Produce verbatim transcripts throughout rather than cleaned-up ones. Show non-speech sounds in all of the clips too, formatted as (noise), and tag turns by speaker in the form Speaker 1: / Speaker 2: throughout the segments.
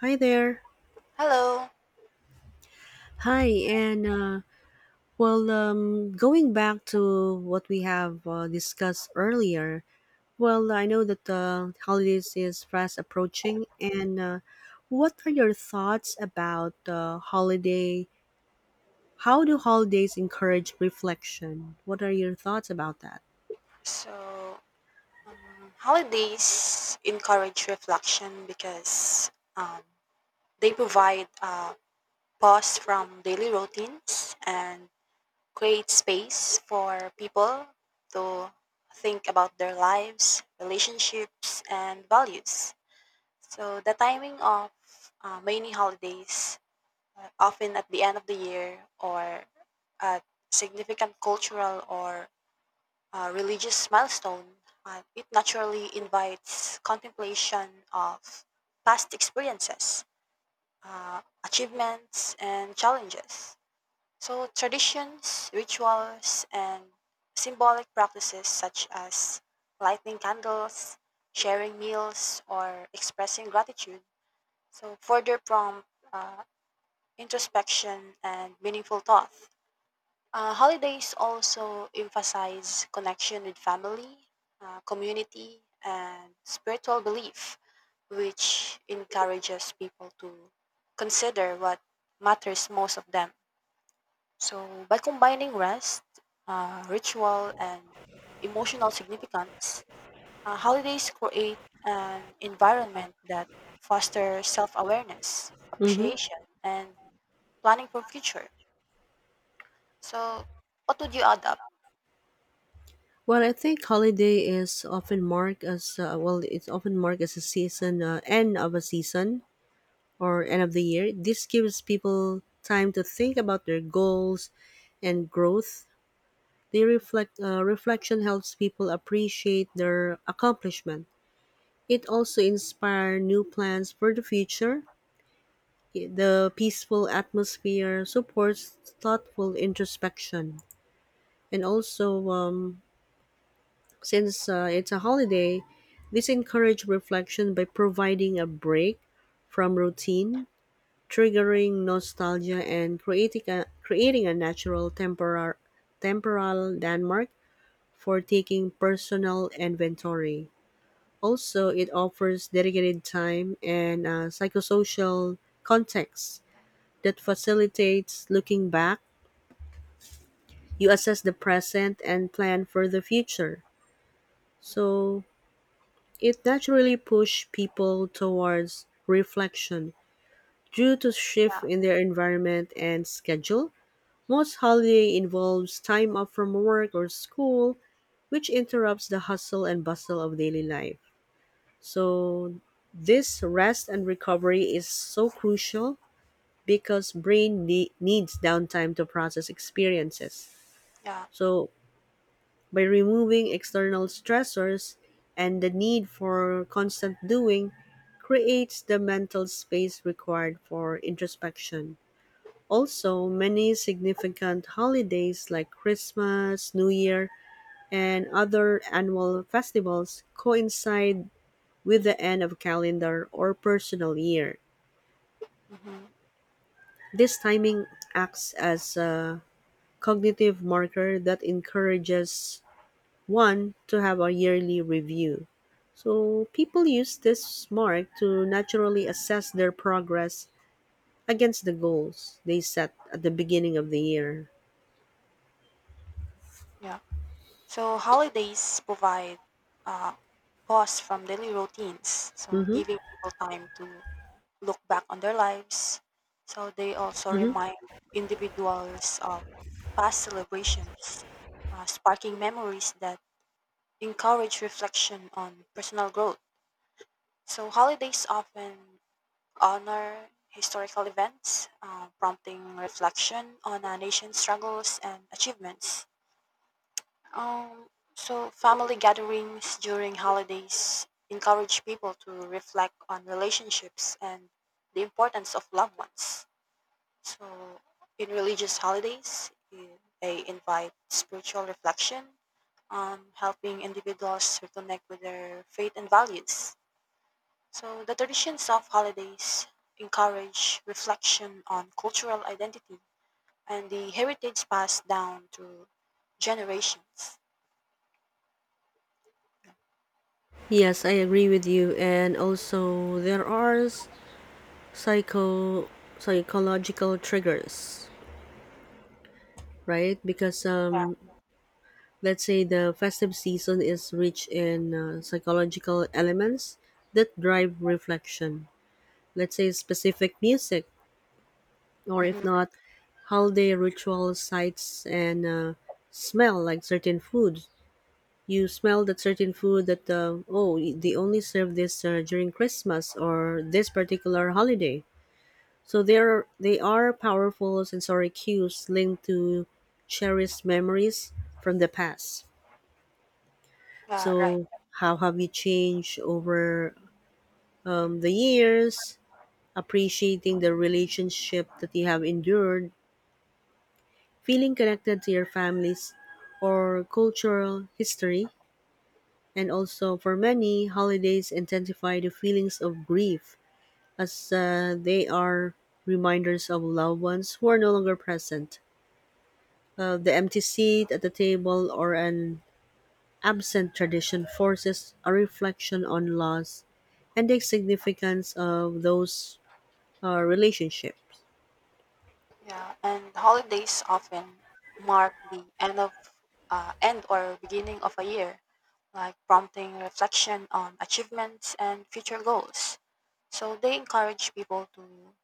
Speaker 1: Hi there.
Speaker 2: Hello.
Speaker 1: Hi, and uh, well, um, going back to what we have uh, discussed earlier, well, I know that uh, holidays is fast approaching, and uh, what are your thoughts about uh, holiday? How do holidays encourage reflection? What are your thoughts about that?
Speaker 2: So, um, Holidays encourage reflection because um, they provide a pause from daily routines and create space for people to think about their lives, relationships, and values. So the timing of uh, many holidays, uh, often at the end of the year or at significant cultural or uh, religious milestone. Uh, it naturally invites contemplation of past experiences, uh, achievements, and challenges. So traditions, rituals, and symbolic practices such as lighting candles, sharing meals, or expressing gratitude. So further prompt uh, introspection and meaningful thought. Uh, holidays also emphasize connection with family, uh, community, and spiritual belief, which encourages people to consider what matters most of them. So, by combining rest, uh, ritual, and emotional significance, uh, holidays create an environment that fosters self awareness,
Speaker 1: Mm-hmm.
Speaker 2: appreciation, and planning for future. So, what would you add up?
Speaker 1: Well, I think holiday is often marked as uh, well. It's often marked as a season, uh, end of a season, or end of the year, this gives people time to think about their goals and growth. The reflect uh, reflection helps people appreciate their accomplishment. It also inspires new plans for the future. The peaceful atmosphere supports thoughtful introspection, and also um, since uh, it's a holiday, this encourages reflection by providing a break from routine triggering nostalgia and creating a, creating a natural temporal, temporal landmark for taking personal inventory. Also, it offers dedicated time and a psychosocial context that facilitates looking back. You assess the present and plan for the future.
Speaker 2: Mhm.
Speaker 1: So, it naturally pushes people towards reflection due to shift in their environment and schedule. Most holiday involves time off from work or school, which interrupts the hustle and bustle of daily life. So this rest and recovery is so crucial because brain ne- needs downtime to process experiences.
Speaker 2: Yeah.
Speaker 1: So by removing external stressors and the need for constant doing creates the mental space required for introspection. Also, many significant holidays like Christmas, New Year, and other annual festivals coincide with the end of calendar or personal year.
Speaker 2: Hmm.
Speaker 1: This timing acts as a cognitive marker that encourages one to have a yearly review. So, people use this mark to naturally assess their progress against the goals they set at the beginning of the year.
Speaker 2: Yeah. So holidays provide uh, pause from daily routines, so
Speaker 1: Hmm.
Speaker 2: giving people time to look back on their lives. So they also remind individuals of past celebrations, uh, sparking memories that encourage reflection on personal growth. So holidays often honor historical events, uh, prompting reflection on a nation's struggles and achievements. Um, so family gatherings during holidays encourage people to reflect on relationships and the importance of loved ones. So in religious holidays, eh, they invite spiritual reflection, um, helping individuals reconnect with their faith and values. So the traditions of holidays encourage reflection on cultural identity and the heritage passed down through generations.
Speaker 1: Yes, I agree with you. And also, there are s- psycho psychological triggers, right? Because
Speaker 2: Yeah.
Speaker 1: um, let's say the festive season is rich in uh, psychological elements that drive reflection. Let's say specific music, or if
Speaker 2: Mhm.
Speaker 1: not, holiday ritual sights and uh, smell like certain foods. You smell that certain food that uh, oh, they only serve this uh, during Christmas or this particular holiday. So there they are powerful sensory cues linked to cherished memories from the past.
Speaker 2: Yeah, right.
Speaker 1: So how have you changed over um, the years? Appreciating the relationship that you have endured, feeling connected to your families or cultural history, and also for many holidays intensify the feelings of grief as uh, they are reminders of loved ones who are no longer present. Uh, the empty seat at the table or an absent tradition forces a reflection on loss and the significance of those uh, relationships.
Speaker 2: Yeah, and holidays often mark the end of uh, end or beginning of a year, like prompting reflection on achievements and future goals. So they encourage people to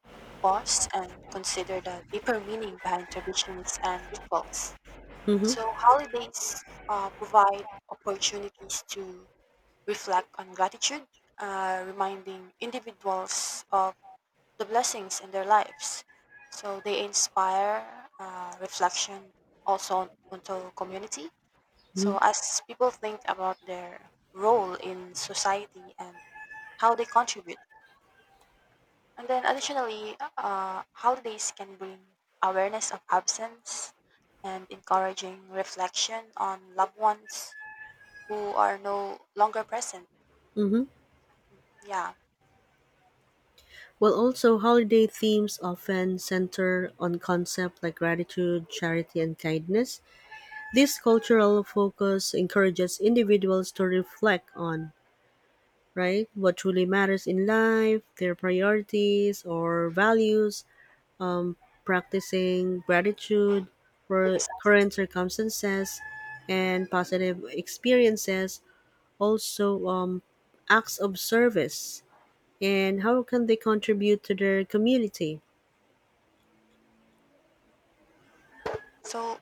Speaker 2: pause and consider the deeper meaning behind traditions and rituals.
Speaker 1: Mm-hmm,
Speaker 2: So holidays uh, provide opportunities to reflect on gratitude, uh, reminding individuals of the blessings in their lives. So they inspire uh, reflection also onto community.
Speaker 1: mm-hmm,
Speaker 2: So as people think about their role in society and how they contribute, and then additionally, uh, holidays can bring awareness of absence and encouraging reflection on loved ones who are no longer present.
Speaker 1: mm-hmm.
Speaker 2: Yeah,
Speaker 1: Well, also, holiday themes often center on concepts like gratitude, charity, and kindness. This cultural focus encourages individuals to reflect on, right, what truly matters in life, their priorities or values, practicing gratitude
Speaker 2: yeah,
Speaker 1: for
Speaker 2: precisely.
Speaker 1: current circumstances and positive experiences, also um, acts of service and how can they contribute to their community.
Speaker 2: So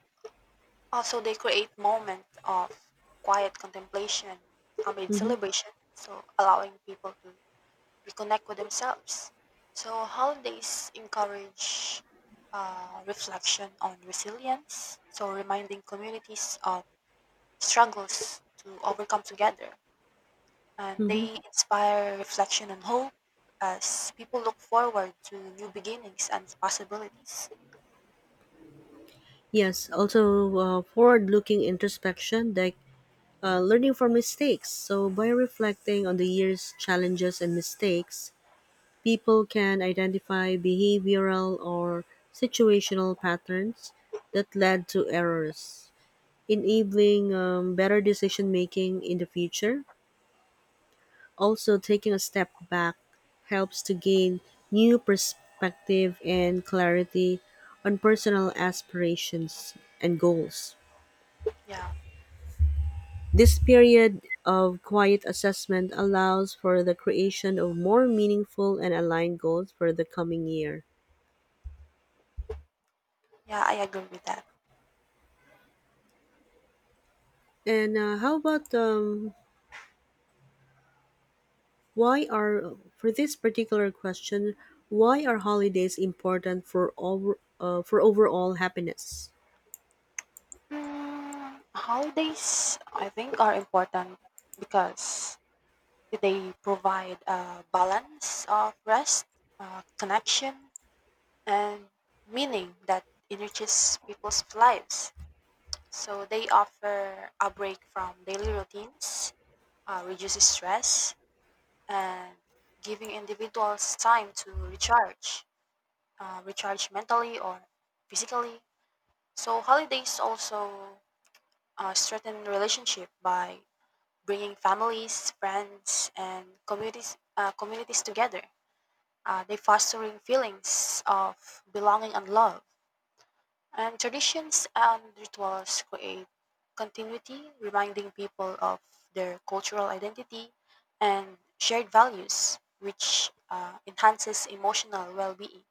Speaker 2: also, they create moment of quiet contemplation amid
Speaker 1: Hmm.
Speaker 2: celebration, so allowing people to reconnect with themselves. So holidays encourage uh, reflection on resilience, so reminding communities of struggles to overcome together. And
Speaker 1: Hmm.
Speaker 2: they inspire reflection and hope as people look forward to new beginnings and possibilities.
Speaker 1: Yes, also uh, forward looking introspection like uh, learning from mistakes, so by reflecting on the year's challenges and mistakes, people can identify behavioral or situational patterns that led to errors, enabling um, better decision making in the future. Also, taking a step back helps to gain new perspective and clarity on personal aspirations and goals.
Speaker 2: Yeah,
Speaker 1: This period of quiet assessment allows for the creation of more meaningful and aligned goals for the coming year.
Speaker 2: yeah, I agree with that.
Speaker 1: And uh, how about um, why are for this particular question, why are holidays important for over uh, for overall happiness?
Speaker 2: Mm, holidays, I think, are important because they provide a balance of rest, uh, connection, and meaning that enriches people's lives. So they offer a break from daily routines, uh, reduces stress, and giving individuals time to recharge, uh, recharge mentally or physically. So holidays also uh, strengthen relationship by bringing families, friends, and communities, uh, communities together. Uh, they fostering feelings of belonging and love. And traditions and rituals create continuity, reminding people of their cultural identity and shared values, which uh, enhances emotional well-being.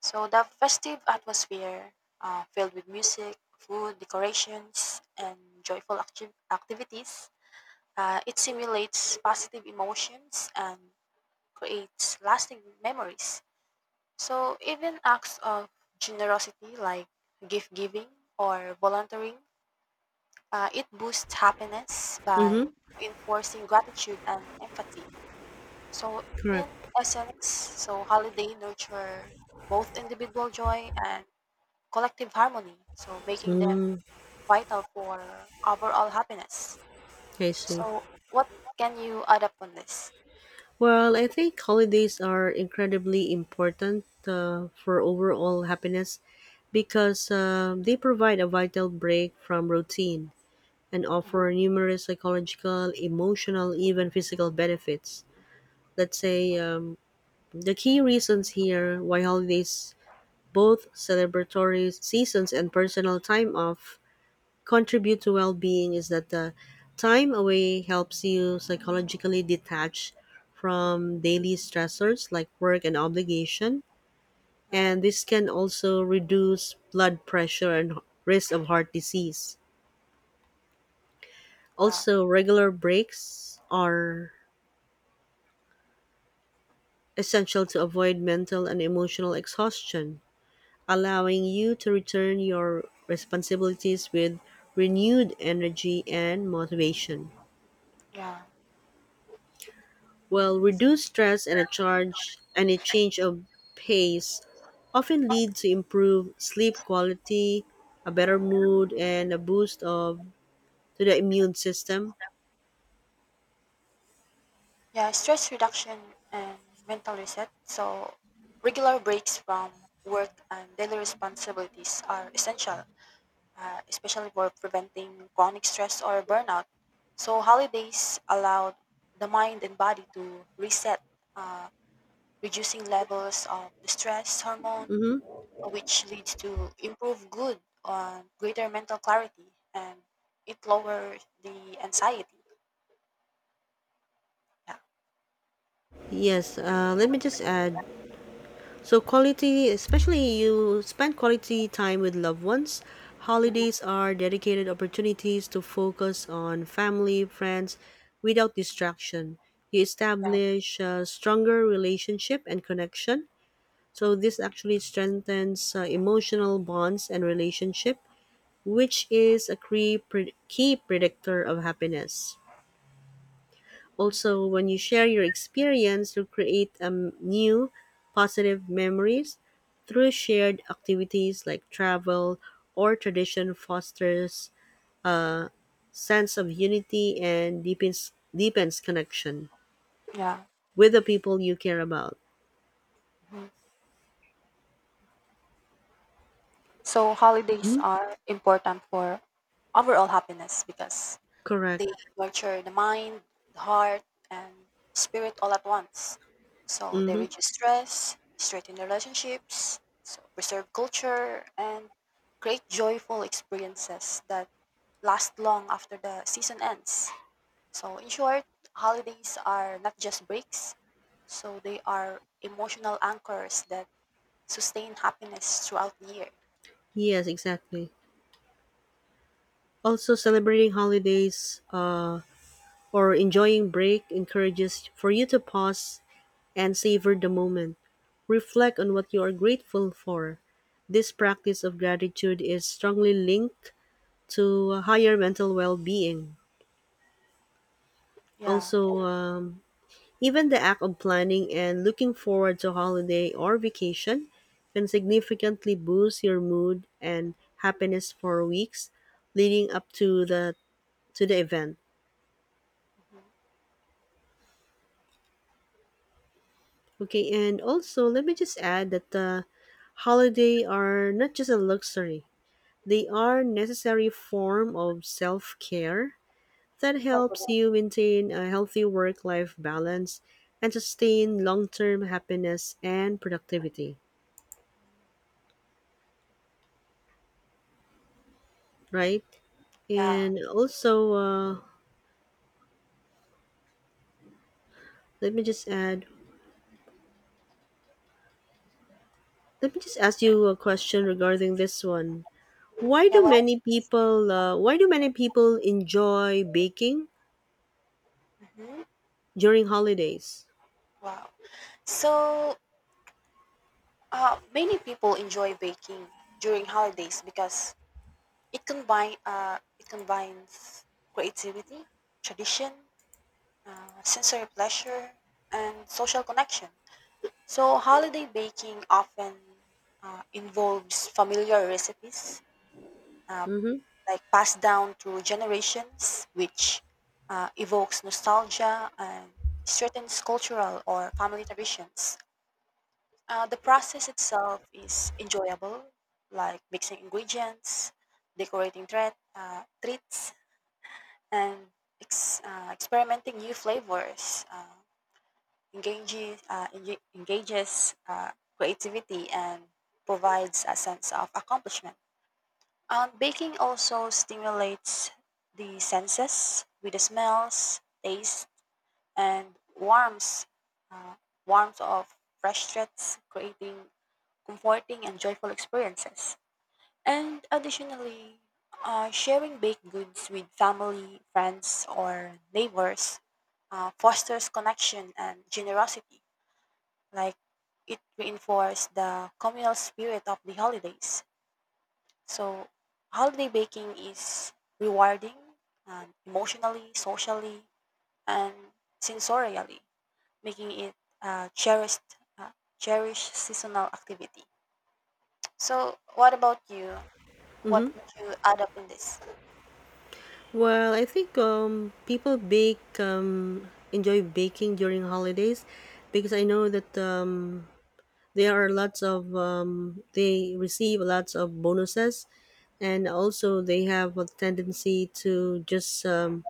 Speaker 2: So the festive atmosphere, uh, filled with music, food, decorations, and joyful acti- activities, uh, it simulates positive emotions and creates lasting memories. So, even acts of generosity like gift giving or volunteering, uh, it boosts happiness by
Speaker 1: Mm-hmm.
Speaker 2: enforcing gratitude and empathy. So, in
Speaker 1: Correct.
Speaker 2: essence, so holiday nurture both individual joy and collective harmony, so making them
Speaker 1: Mm.
Speaker 2: vital for overall happiness.
Speaker 1: I see.
Speaker 2: So, what can you add up on this?
Speaker 1: Well, I think holidays are incredibly important uh, for overall happiness because um they provide a vital break from routine and
Speaker 2: Mhm.
Speaker 1: offer numerous psychological, emotional, even physical benefits. Let's say um, The key reasons here why holidays, both celebratory seasons and personal time off, contribute to well being is that the time away helps you psychologically detach
Speaker 2: Mhm.
Speaker 1: from daily stressors like work and obligation.
Speaker 2: Right.
Speaker 1: And this can also reduce blood pressure and risk of heart disease.
Speaker 2: Yeah.
Speaker 1: Also, regular breaks are essential to avoid mental and emotional exhaustion, allowing you to return your responsibilities with renewed energy and motivation.
Speaker 2: Yeah.
Speaker 1: Well, reduced stress and a charge and a change of pace often lead to improved sleep quality, a better mood, and a boost of to the immune system.
Speaker 2: Yeah. Stress reduction and mental reset. So regular breaks from work and daily responsibilities are essential, uh, especially for preventing chronic stress or burnout. So holidays allow the mind and body to reset, uh, reducing levels of the stress hormone, which leads to improved good on greater mental clarity and it lowers the anxiety. Yeah.
Speaker 1: Yes, uh, let me just add. So quality, especially you spend quality time with loved ones.
Speaker 2: Mhm.
Speaker 1: Holidays are dedicated opportunities to focus on family, friends, without distraction. You
Speaker 2: Yeah.
Speaker 1: establish a stronger relationship and connection. So this actually strengthens uh, emotional bonds and relationship, which is a key, pre- key predictor of happiness. Also, when you share your experience, you'll create um, new positive memories through shared activities like travel or tradition fosters sense of unity and deepens deepens connection
Speaker 2: Yeah.
Speaker 1: with the people you care about.
Speaker 2: Mhm. So holidays
Speaker 1: Mhm.
Speaker 2: are important for overall happiness because
Speaker 1: Correct.
Speaker 2: they nurture the mind, the heart, and spirit all at once. So they
Speaker 1: Mm-hmm.
Speaker 2: reduce stress, strengthen relationships, so preserve culture, and create joyful experiences that last long after the season ends. So in short, holidays are not just breaks, so they are emotional anchors that sustain happiness throughout the year.
Speaker 1: Yes, exactly. Also, celebrating holidays uh, or enjoying break encourages for you to pause and savor the moment. Reflect on what you are grateful for. This practice of gratitude is strongly linked to higher mental well being.
Speaker 2: Yeah.
Speaker 1: Also, um, even the act of planning and looking forward to holiday or vacation can significantly boost your mood and happiness for weeks leading up to the to the event.
Speaker 2: Mhm.
Speaker 1: Okay, and also let me just add that the holiday are not just a luxury. They are necessary form of self-care that
Speaker 2: What
Speaker 1: helps
Speaker 2: wa
Speaker 1: you maintain a healthy work-life balance and sustain long-term happiness and productivity, right?
Speaker 2: Yeah.
Speaker 1: And also, uh, let me just add, let me just ask you a question regarding this one. Why
Speaker 2: Yeah,
Speaker 1: do
Speaker 2: what
Speaker 1: many people, uh, why do many people enjoy baking
Speaker 2: mhm,
Speaker 1: during holidays?
Speaker 2: wow. So, uh, many people enjoy baking during holidays because it combine uh, it combines creativity, tradition, uh, sensory pleasure, and social connection. So holiday baking often uh, involves familiar recipes, uh,
Speaker 1: Mm-hmm.
Speaker 2: like passed down through generations, which uh, evokes nostalgia and certain cultural or family traditions. Uh, the process itself is enjoyable, like mixing ingredients, decorating thread, uh, treats, and ex- uh, experimenting new flavors. Uh, engages uh, enga- engages uh, creativity and provides a sense of accomplishment. Um, baking also stimulates the senses with the smells, taste, and warmth, uh, warmth of fresh treats, creating comforting and joyful experiences. And additionally, uh, sharing baked goods with family, friends, or neighbors uh, fosters connection and generosity. Like it reinforces the communal spirit of the holidays. So holiday baking is rewarding um, emotionally, socially, and sensorially, making it a cherished, uh, cherished seasonal activity. So, what about you? What would you add up in this?
Speaker 1: Well, I think um, people bake um, enjoy baking during holidays because I know that um, there are lots of um, they receive lots of bonuses, and also they have a tendency to just um,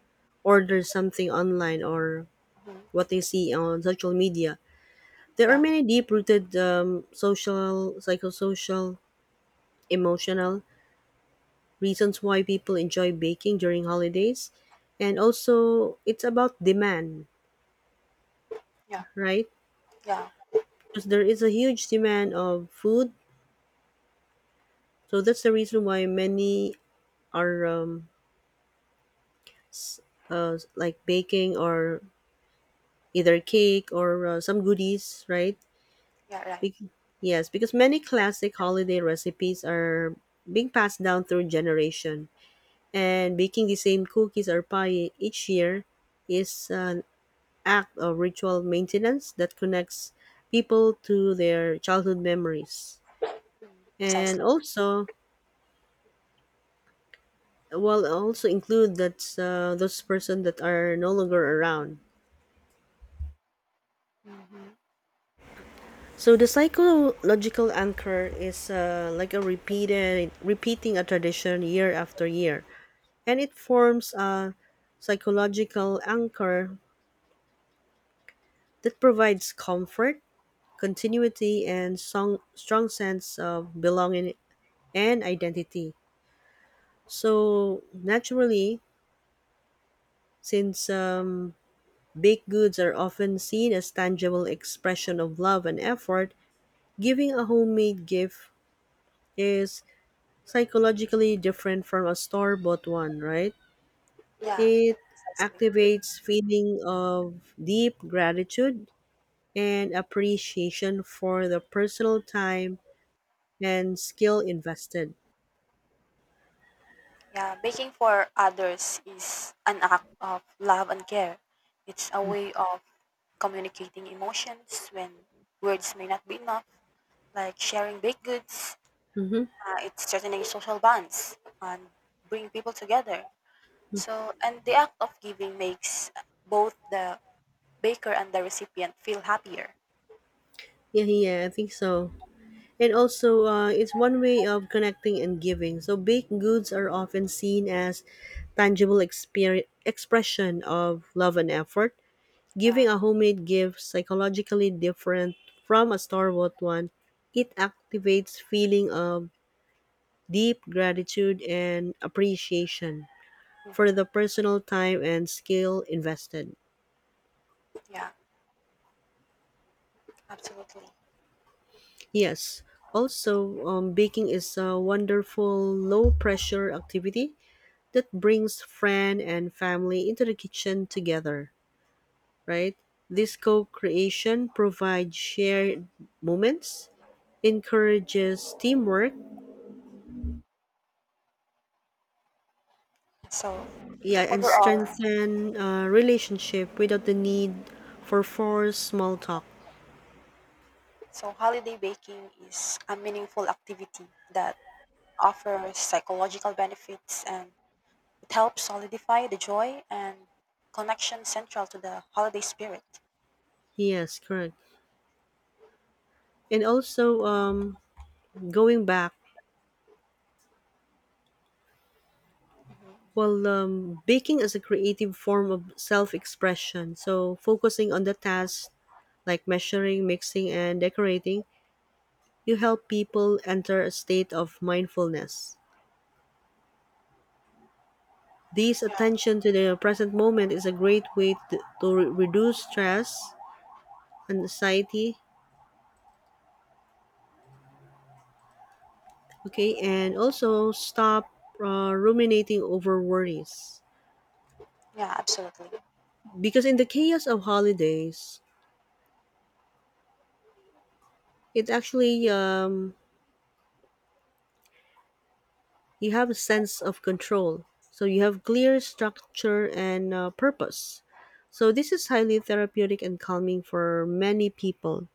Speaker 1: order something online or
Speaker 2: Mhm.
Speaker 1: what they see on social media. There are
Speaker 2: Yeah,
Speaker 1: many deep-rooted um, social, psychosocial, emotional reasons why people enjoy baking during holidays, and also it's about demand,
Speaker 2: yeah.
Speaker 1: right?
Speaker 2: Yeah,
Speaker 1: Because there is a huge demand of food, so that's the reason why many are um, s- uh, like baking or either cake or uh, some goodies, right?
Speaker 2: yeah, right.
Speaker 1: Bec- yes, because many classic holiday recipes are being passed down through generation, and baking the same cookies or pie each year is uh, act of ritual maintenance that connects people to their childhood memories.
Speaker 2: Mm.
Speaker 1: And
Speaker 2: Precisely.
Speaker 1: also, well, also include that uh, those person that are no longer around.
Speaker 2: Mhm.
Speaker 1: So the psychological anchor is uh, like a repeated repeating a tradition year after year, and it forms a psychological anchor that provides comfort, continuity, and song, strong sense of belonging and identity. So, naturally, since um, baked goods are often seen as tangible expression of love and effort, giving a homemade gift is psychologically different from a store-bought one, right?
Speaker 2: Yeah,
Speaker 1: It
Speaker 2: precisely.
Speaker 1: activates feeling of deep gratitude and appreciation for the personal time and skill invested.
Speaker 2: Yeah, baking for others is an act of love and care. It's a way of communicating emotions when words may not be enough, like sharing baked goods.
Speaker 1: Mm-hmm.
Speaker 2: Uh, it's strengthening social bonds and bring people together. So, and the act of giving makes both the baker and the recipient feel happier.
Speaker 1: Yeah, yeah, I think so. And also, uh, it's one way of connecting and giving. So, baked goods are often seen as tangible exper- expression of love and effort.
Speaker 2: Yeah.
Speaker 1: Giving a homemade gift psychologically different from a store-bought one, it activates feeling of deep gratitude and appreciation for
Speaker 2: Mhm.
Speaker 1: the personal time and skill invested.
Speaker 2: Yeah, absolutely.
Speaker 1: Yes. Also, um, baking is a wonderful low pressure activity that brings friend and family into the kitchen together, right? This co-creation provides shared moments, encourages teamwork,
Speaker 2: So
Speaker 1: yeah, and
Speaker 2: overall,
Speaker 1: strengthen uh, relationship without the need for forced small talk.
Speaker 2: so holiday baking is a meaningful activity that offers psychological benefits and it helps solidify the joy and connection central to the holiday spirit.
Speaker 1: Yes, correct. And also, um, going back,
Speaker 2: Hmm.
Speaker 1: well, um, baking is a creative form of self expression. So, focusing on the tasks like measuring, mixing, and decorating, you help people enter a state of mindfulness. This
Speaker 2: Yeah,
Speaker 1: attention to the present moment is a great way to, to re- reduce stress and anxiety, okay, and also stop uh, ruminating over worries.
Speaker 2: yeah, absolutely.
Speaker 1: Because in the chaos of holidays, it actually um, you have a sense of control. So you have clear structure and uh, purpose. So this is highly therapeutic and calming for many people.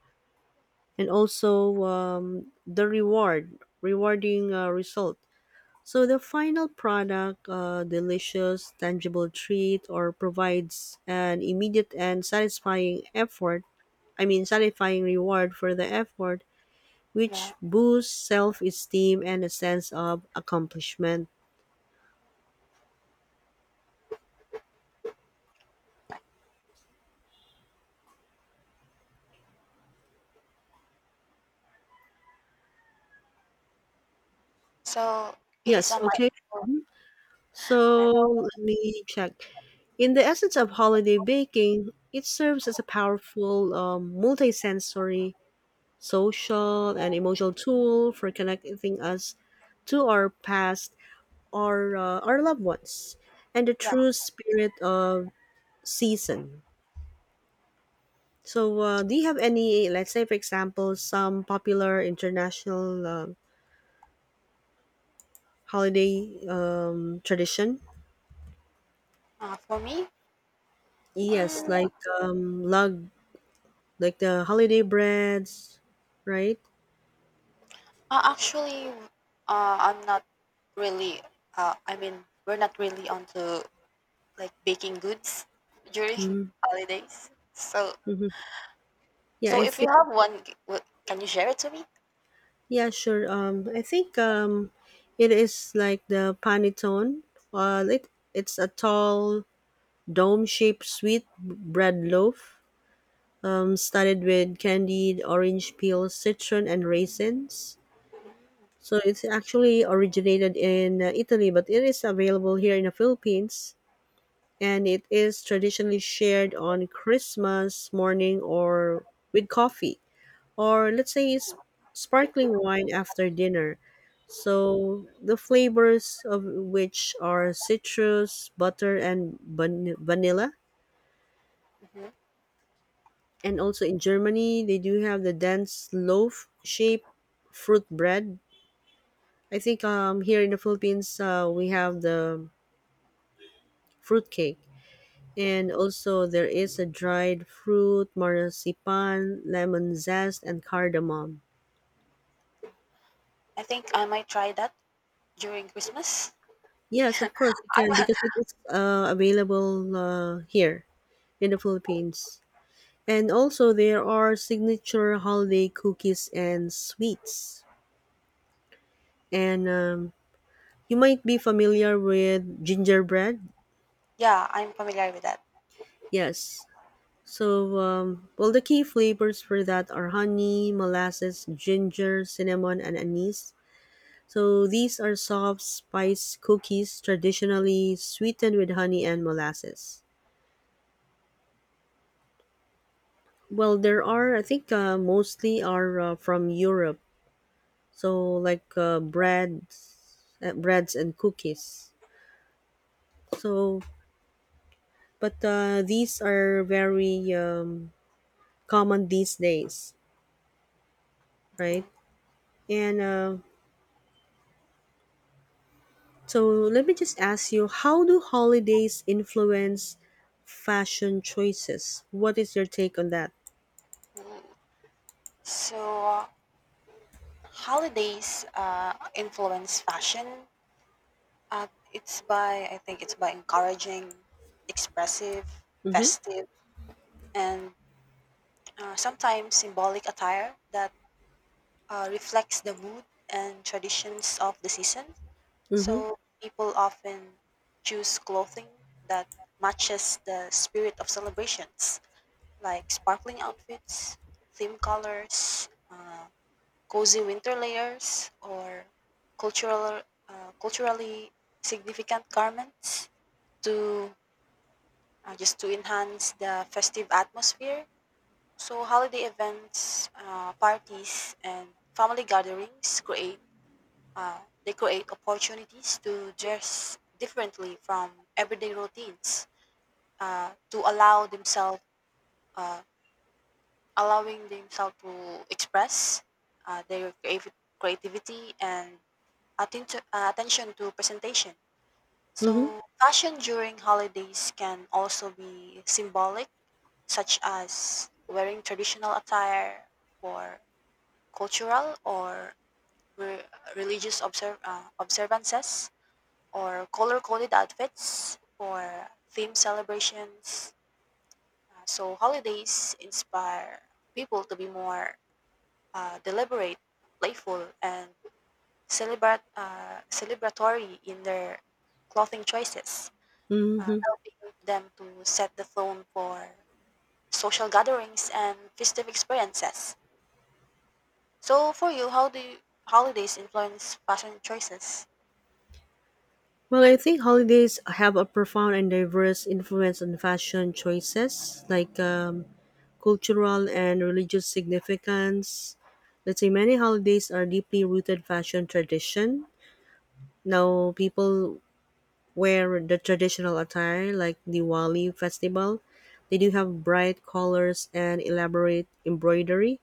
Speaker 1: And also um, the reward, rewarding uh, result. So the final product, uh, delicious, tangible treat, or provides an immediate and satisfying effort. I mean, satisfying reward for the effort, which
Speaker 2: Yeah.
Speaker 1: boosts self-esteem and a sense of accomplishment.
Speaker 2: So it is a
Speaker 1: Yes. Okay.
Speaker 2: mindful.
Speaker 1: So
Speaker 2: Right.
Speaker 1: let me check. In the essence of holiday baking, it serves as a powerful um, multi social and emotional tool for connecting us to our past or uh, our loved ones and the
Speaker 2: Yeah.
Speaker 1: true spirit of season. So uh, do you have any, let's say for example, some popular international uh, holiday um, tradition,
Speaker 2: Uh, for me,
Speaker 1: yes,
Speaker 2: um,
Speaker 1: like um, lug like the holiday breads, right?
Speaker 2: uh, actually, uh, I'm not really. Uh, I mean, we're not really onto like baking goods during (laughs) holidays. So
Speaker 1: hmm yeah
Speaker 2: so
Speaker 1: i
Speaker 2: if you have one, g- w- can you share it to me?
Speaker 1: Yeah, sure. Um, I think um, it is like the panettone. Uh, it, it's a tall, dome-shaped sweet bread loaf, um, studded with candied orange peel, citron, and raisins. So it's actually originated in uh, Italy, but it is available here in the Philippines, and it is traditionally shared on Christmas morning or with coffee, or let's say s- sparkling wine after dinner. So the flavors of which are citrus, butter, and van- vanilla.
Speaker 2: Hmm.
Speaker 1: And also in Germany, they do have the dense loaf shaped fruit bread. I think um, here in the Philippines, uh, we have the fruit cake. And also, there is a dried fruit, marzipan, lemon zest, and cardamom.
Speaker 2: I think I might try that during Christmas.
Speaker 1: Yes,
Speaker 2: (laughs)
Speaker 1: of course, you can
Speaker 2: I'm,
Speaker 1: because it is uh, available uh, here in the Philippines. And also there are signature holiday cookies and sweets. And um, you might be familiar with gingerbread.
Speaker 2: yeah, I'm familiar with that.
Speaker 1: Yes. So, um, well, the key flavors for that are honey, molasses, ginger, cinnamon, and anise. So these are soft spice cookies, traditionally sweetened with honey and molasses. Well, there are, I think, uh, mostly are uh, from Europe. So like uh, breads uh, breads and cookies, so but uh, these are very um, common these days,
Speaker 2: Mhm.
Speaker 1: right? And uh, so let me just ask you, how do holidays influence fashion choices? What is your take on that?
Speaker 2: Mm. So uh, holidays uh, influence fashion. Uh, it's by I think it's by encouraging expressive,
Speaker 1: Mm-hmm,
Speaker 2: festive, and uh, sometimes symbolic attire that uh, reflects the mood and traditions of the season.
Speaker 1: mm-hmm,
Speaker 2: So people often choose clothing that matches the spirit of celebrations, like sparkling outfits, theme colors, uh, cozy winter layers, or cultural uh, culturally significant garments to uh, just to enhance the festive atmosphere. So holiday events, uh, parties, and family gatherings create Uh, they create opportunities to dress differently from everyday routines uh, to allow themselves uh, allowing themselves to express uh, their creav- creativity and atten- uh, attention to presentation.
Speaker 1: mm-hmm,
Speaker 2: So fashion during holidays can also be symbolic such as wearing traditional attire for cultural or re- religious observ- uh, observances or color coded outfits for theme celebrations. Uh, so, holidays inspire people to be more uh, deliberate, playful, and celebrat- uh, celebratory in their clothing choices, uh,
Speaker 1: mm-hmm.
Speaker 2: helping them to set the tone for social gatherings and festive experiences. So, for you, how do you, holidays influence fashion choices?
Speaker 1: Well, I think holidays have a profound and diverse influence on fashion choices. Like um, cultural and religious significance. Let's say many holidays are deeply rooted fashion tradition. Now people wear the traditional attire like Diwali festival. They do have bright colors and elaborate embroidery.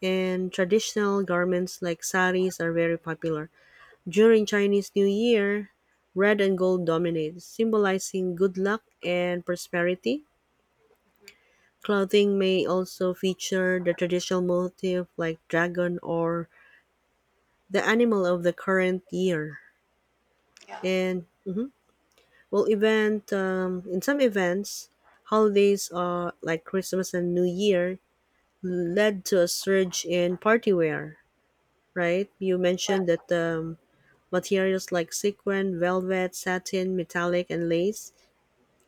Speaker 1: And traditional garments like saris are very popular. During Chinese New Year, red and gold dominates, symbolizing good luck and prosperity.
Speaker 2: Hmm.
Speaker 1: Clothing may also feature the traditional motif like dragon or the animal of the current year.
Speaker 2: Yeah.
Speaker 1: And mhm. Well, event um, in some events, holidays uh, like Christmas and New Year led to a surge in party wear. Right? You
Speaker 2: Right.
Speaker 1: mentioned that um, materials like sequin, velvet, satin, metallic, and lace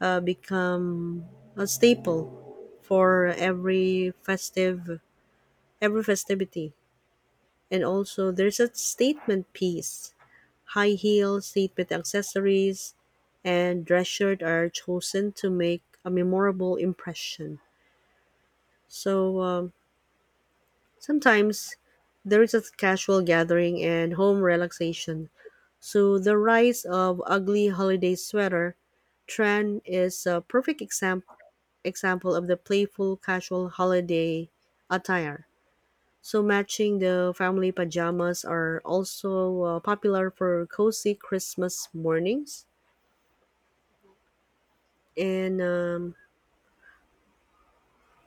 Speaker 1: uh, become a staple for every festive every festivity. And also, there's a statement piece. High heels, statement accessories, and dress shirt are chosen to make a memorable impression. So um, sometimes there is a casual gathering and home relaxation. So the rise of ugly holiday sweater trend is a perfect exam- example of the playful casual holiday attire. So matching the family pajamas are also uh, popular for cozy Christmas mornings,
Speaker 2: Mhm.
Speaker 1: and um,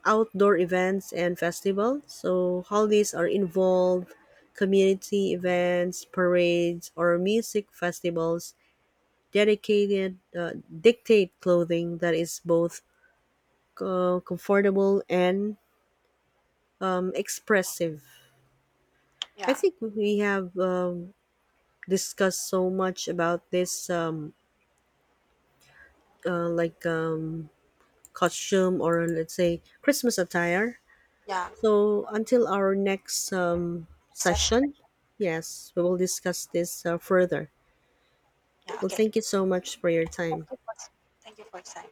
Speaker 1: outdoor events and festivals. So holidays are involved community events, parades, or music festivals dedicated uh, dictate clothing that is both uh, comfortable and um, expressive. I
Speaker 2: Yeah.
Speaker 1: think we have um, discussed so much about this um, uh, like um, costume or let's say Christmas attire.
Speaker 2: Yeah.
Speaker 1: So until our next um,
Speaker 2: Session.
Speaker 1: session, yes, we will discuss this uh, further.
Speaker 2: Yeah.
Speaker 1: Well,
Speaker 2: Okay.
Speaker 1: thank you so much for your
Speaker 2: Thank
Speaker 1: time.
Speaker 2: you for, thank you for your time.